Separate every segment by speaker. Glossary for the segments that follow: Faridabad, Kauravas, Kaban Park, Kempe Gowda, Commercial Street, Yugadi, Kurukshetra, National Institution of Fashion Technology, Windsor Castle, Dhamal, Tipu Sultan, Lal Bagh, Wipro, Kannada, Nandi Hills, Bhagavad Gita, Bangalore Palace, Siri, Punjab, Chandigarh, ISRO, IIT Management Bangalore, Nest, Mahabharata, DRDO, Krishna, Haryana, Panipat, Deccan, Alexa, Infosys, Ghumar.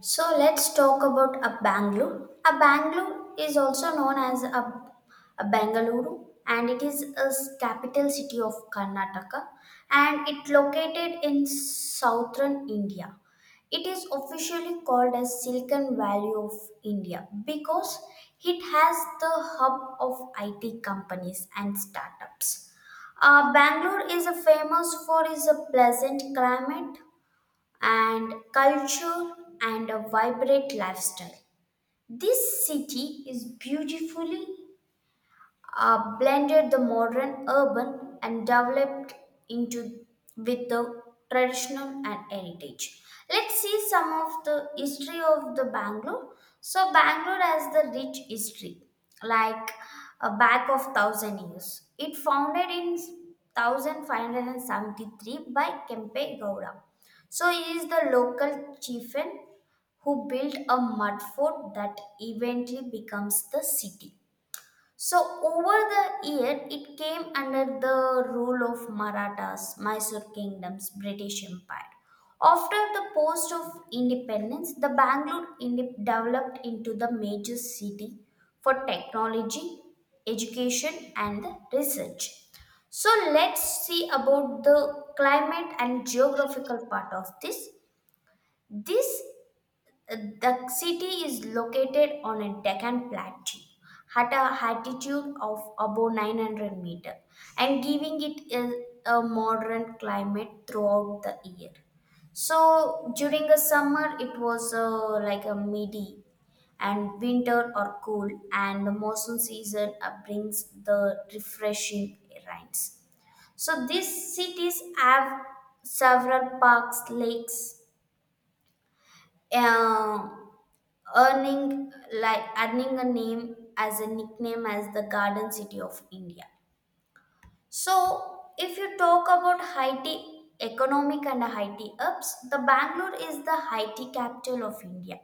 Speaker 1: So let's talk about a Bangalore. A Bangalore is also known as a Bengaluru, and it is a capital city of Karnataka, and it located in southern India. It is officially called as Silicon Valley of India because it has the hub of IT companies and startups. Bangalore is a famous for its pleasant climate and culture and a vibrant lifestyle. This city is beautifully blended the modern urban and developed into with the traditional and heritage. Let's see some of the history of the Bangalore. So Bangalore has the rich history, like a back of thousand years. It founded in 1573 by Kempe Gowda. So he is the local chieftain who built a mud fort that eventually becomes the city. So over the year, it came under the rule of Marathas, Mysore kingdoms, British Empire. After the post of independence, the Bangalore developed into the major city for technology, education, and the research. So let's see about the climate and geographical part of this. This the city is located on a Deccan plateau at a altitude of above 900 meter and giving it a modern climate throughout the year. So during the summer it was like a midi, and winter or cool, and the monsoon season brings the refreshing rains. So these cities have several parks, lakes, uh, earning earning a name as a nickname as the Garden City of India. So, if you talk about Haiti economic and Haiti ups, the Bangalore is the Haiti capital of India.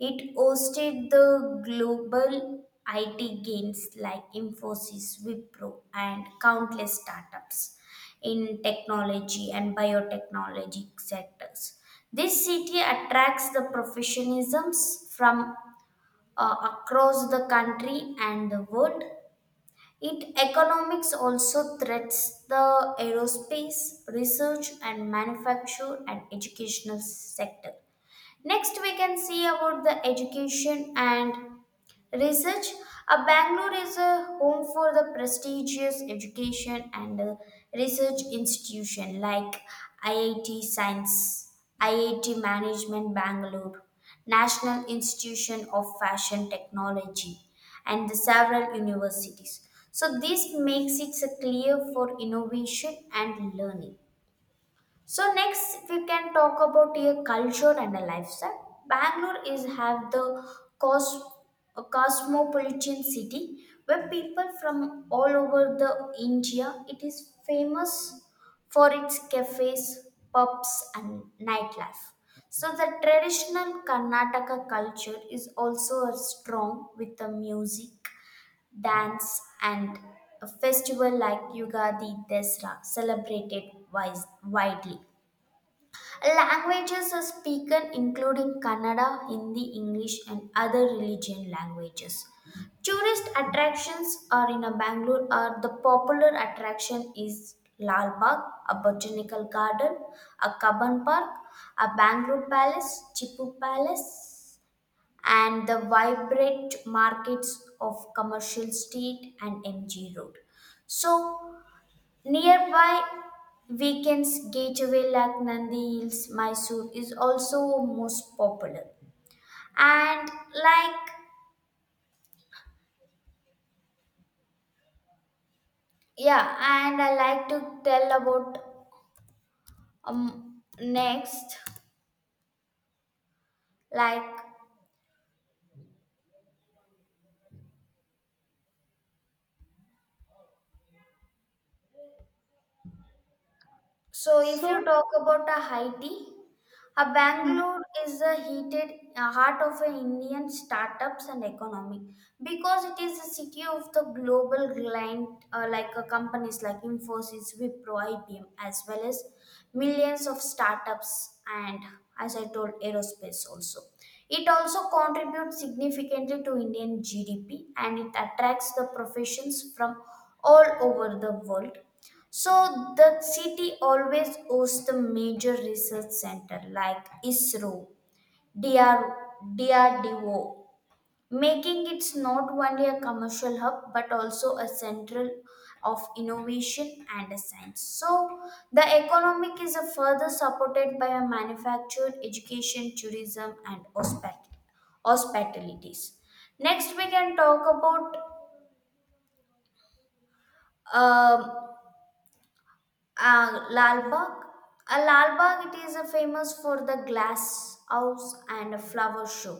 Speaker 1: It hosted the global IT games like Infosys, Wipro, and countless startups in technology and biotechnology sectors. This city attracts the professionalisms from across the country and the world. It economics also threats the aerospace, research and manufacture and educational sector. Next we can see about the education and research. Bangalore is a home for the prestigious education and research institution like IIT Science, IIT Management Bangalore, National Institution of Fashion Technology, and the several universities. So this makes it a clear for innovation and learning. So next, if we can talk about a culture and a lifestyle, Bangalore is have the cos- a cosmopolitan city where people from all over the India. It is famous for its cafes, pubs, and nightlife. So the traditional Karnataka culture is also strong with the music, dance, and a festival like Yugadi Desra celebrated widely. Languages are spoken including Kannada, Hindi, English, and other religion languages. Tourist attractions are in a Bangalore are the popular attraction is Lal Bagh, a botanical garden, a Kaban Park, a Bangalore Palace, Chipu Palace, and the vibrant markets of Commercial Street and MG Road. So nearby weekends, Gateway like Nandi Hills, Mysore is also most popular. And and I like to tell about next like so, if you
Speaker 2: So,
Speaker 1: talk about a high tea, a
Speaker 2: mm,
Speaker 1: Bangalore is the heated heart of an Indian startups and economy, because it is a city of the global client companies like Infosys, Wipro, IBM, as well as millions of startups and, as I told, aerospace also. It also contributes significantly to Indian GDP, and it attracts the professions from all over the world. So the city always hosts the major research center like ISRO, DR, DRDO, making it not only a commercial hub but also a central of innovation and science. So the economic is a further supported by a manufactured education, tourism, and hospitalities. Next, we can talk about um Lal Bagh. Lal Bagh, it is famous for the glass house and a flower show.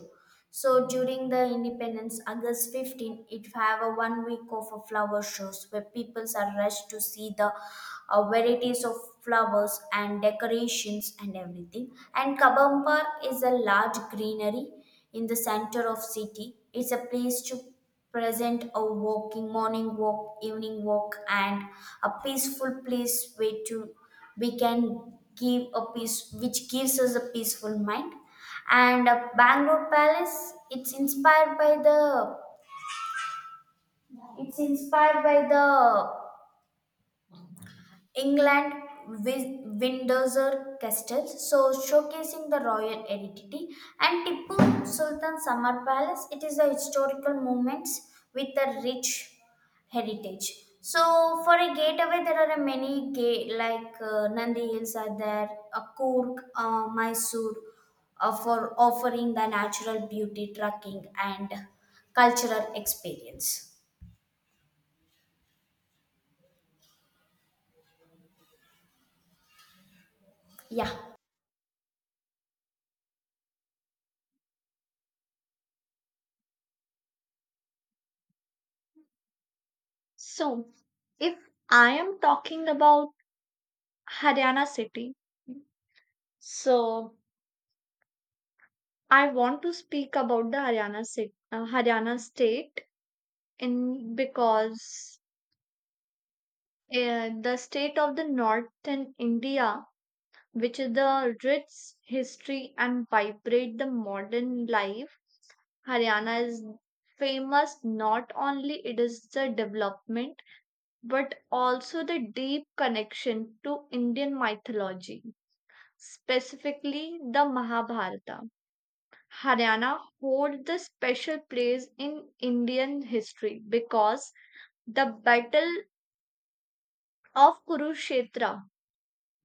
Speaker 1: So during the independence, August 15, it have a 1 week of a flower shows where people are rushed to see the varieties of flowers and decorations and everything. And Kabam Park is a large greenery in the center of city. It's a place to present a walking morning walk evening walk and a peaceful place where to we can give a peace which gives us a peaceful mind. And Bangalore Palace, it's inspired by the it's inspired by the England Windsor Castle, so showcasing the royal identity, and Tipu Sultan Summer Palace. It is a historical moments with a rich heritage. So for a gateway, there are a many gate like Nandi Hills are there, Kurk, Mysore, for offering the natural beauty, trekking, and cultural experience. Yeah,
Speaker 2: so, if I am talking about Haryana city, so I want to speak about the Haryana city, Haryana state in because the state of the northern India, which is the rich history and vibrate the modern life. Haryana is famous not only it is the development but also the deep connection to Indian mythology, specifically the Mahabharata. Haryana holds the special place in Indian history because the battle of Kurukshetra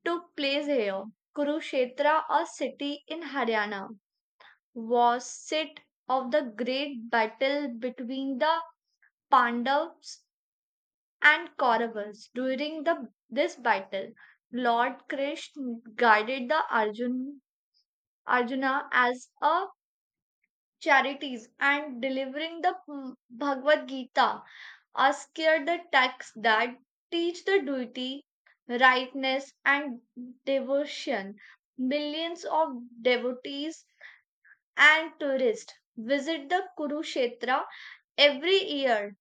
Speaker 2: took place here. Kurukshetra, a city in Haryana, was seat of the great battle between the Pandavas and Kauravas. During this battle, Lord Krishna guided the Arjuna as a charities and delivering the Bhagavad Gita us here the texts that teach the duty, rightness, and devotion. Millions of devotees and tourists visit the Kurukshetra every year.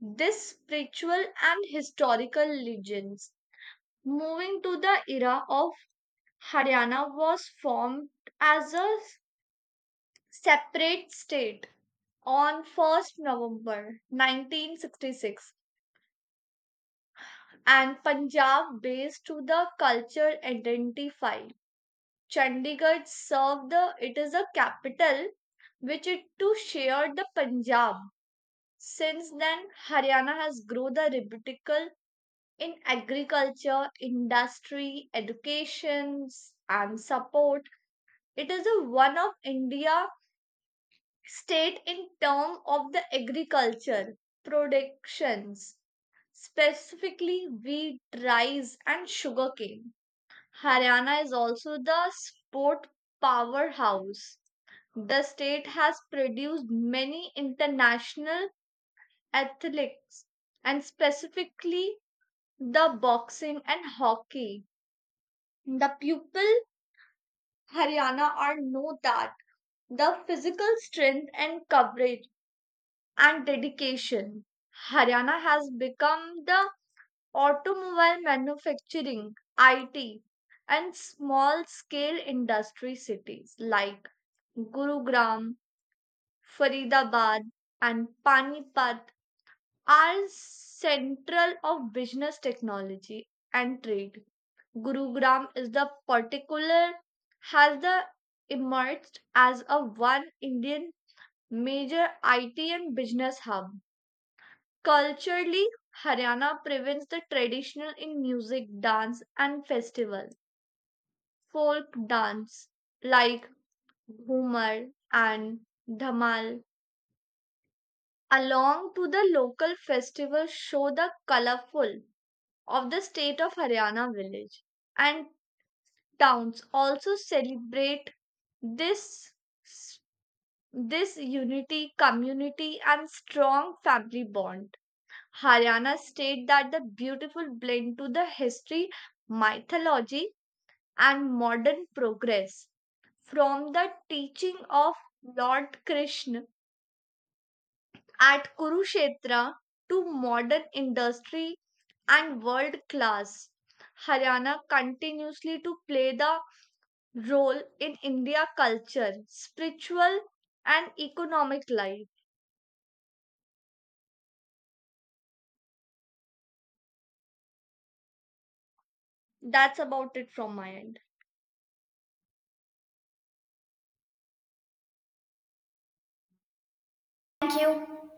Speaker 2: This spiritual and historical legends. Moving to the era of Haryana was formed as a separate state on 1st November 1966 and Punjab based to the culture identify. Chandigarh served it is a capital which it to share the Punjab. Since then, Haryana has grown the rebuttal in agriculture, industry, education, and support. It is a one of India state in term of the agriculture productions, specifically wheat, rice, and sugarcane. Haryana is also the sport powerhouse. The state has produced many international athletes and specifically the boxing and hockey. The people Haryana are know that the physical strength and coverage and dedication. Haryana has become the automobile manufacturing, IT, and small scale industry cities like Gurugram, Faridabad, and Panipat are central of business technology and trade. Gurugram is the particular has the emerged as a one Indian major IT and business hub. Culturally, Haryana prevents the traditional in music, dance, and festival. Folk dance like Ghumar and Dhamal, along to the local festival, show the colorful of the state of Haryana village and towns. Also celebrate this this unity, community, and strong family bond. Haryana state that the beautiful blend to the history, mythology, and modern progress. From the teaching of Lord Krishna at Kurukshetra to modern industry and world class, Haryana continuously to play the role in India culture, spiritual and economic life. That's about it from my end.
Speaker 1: thank you.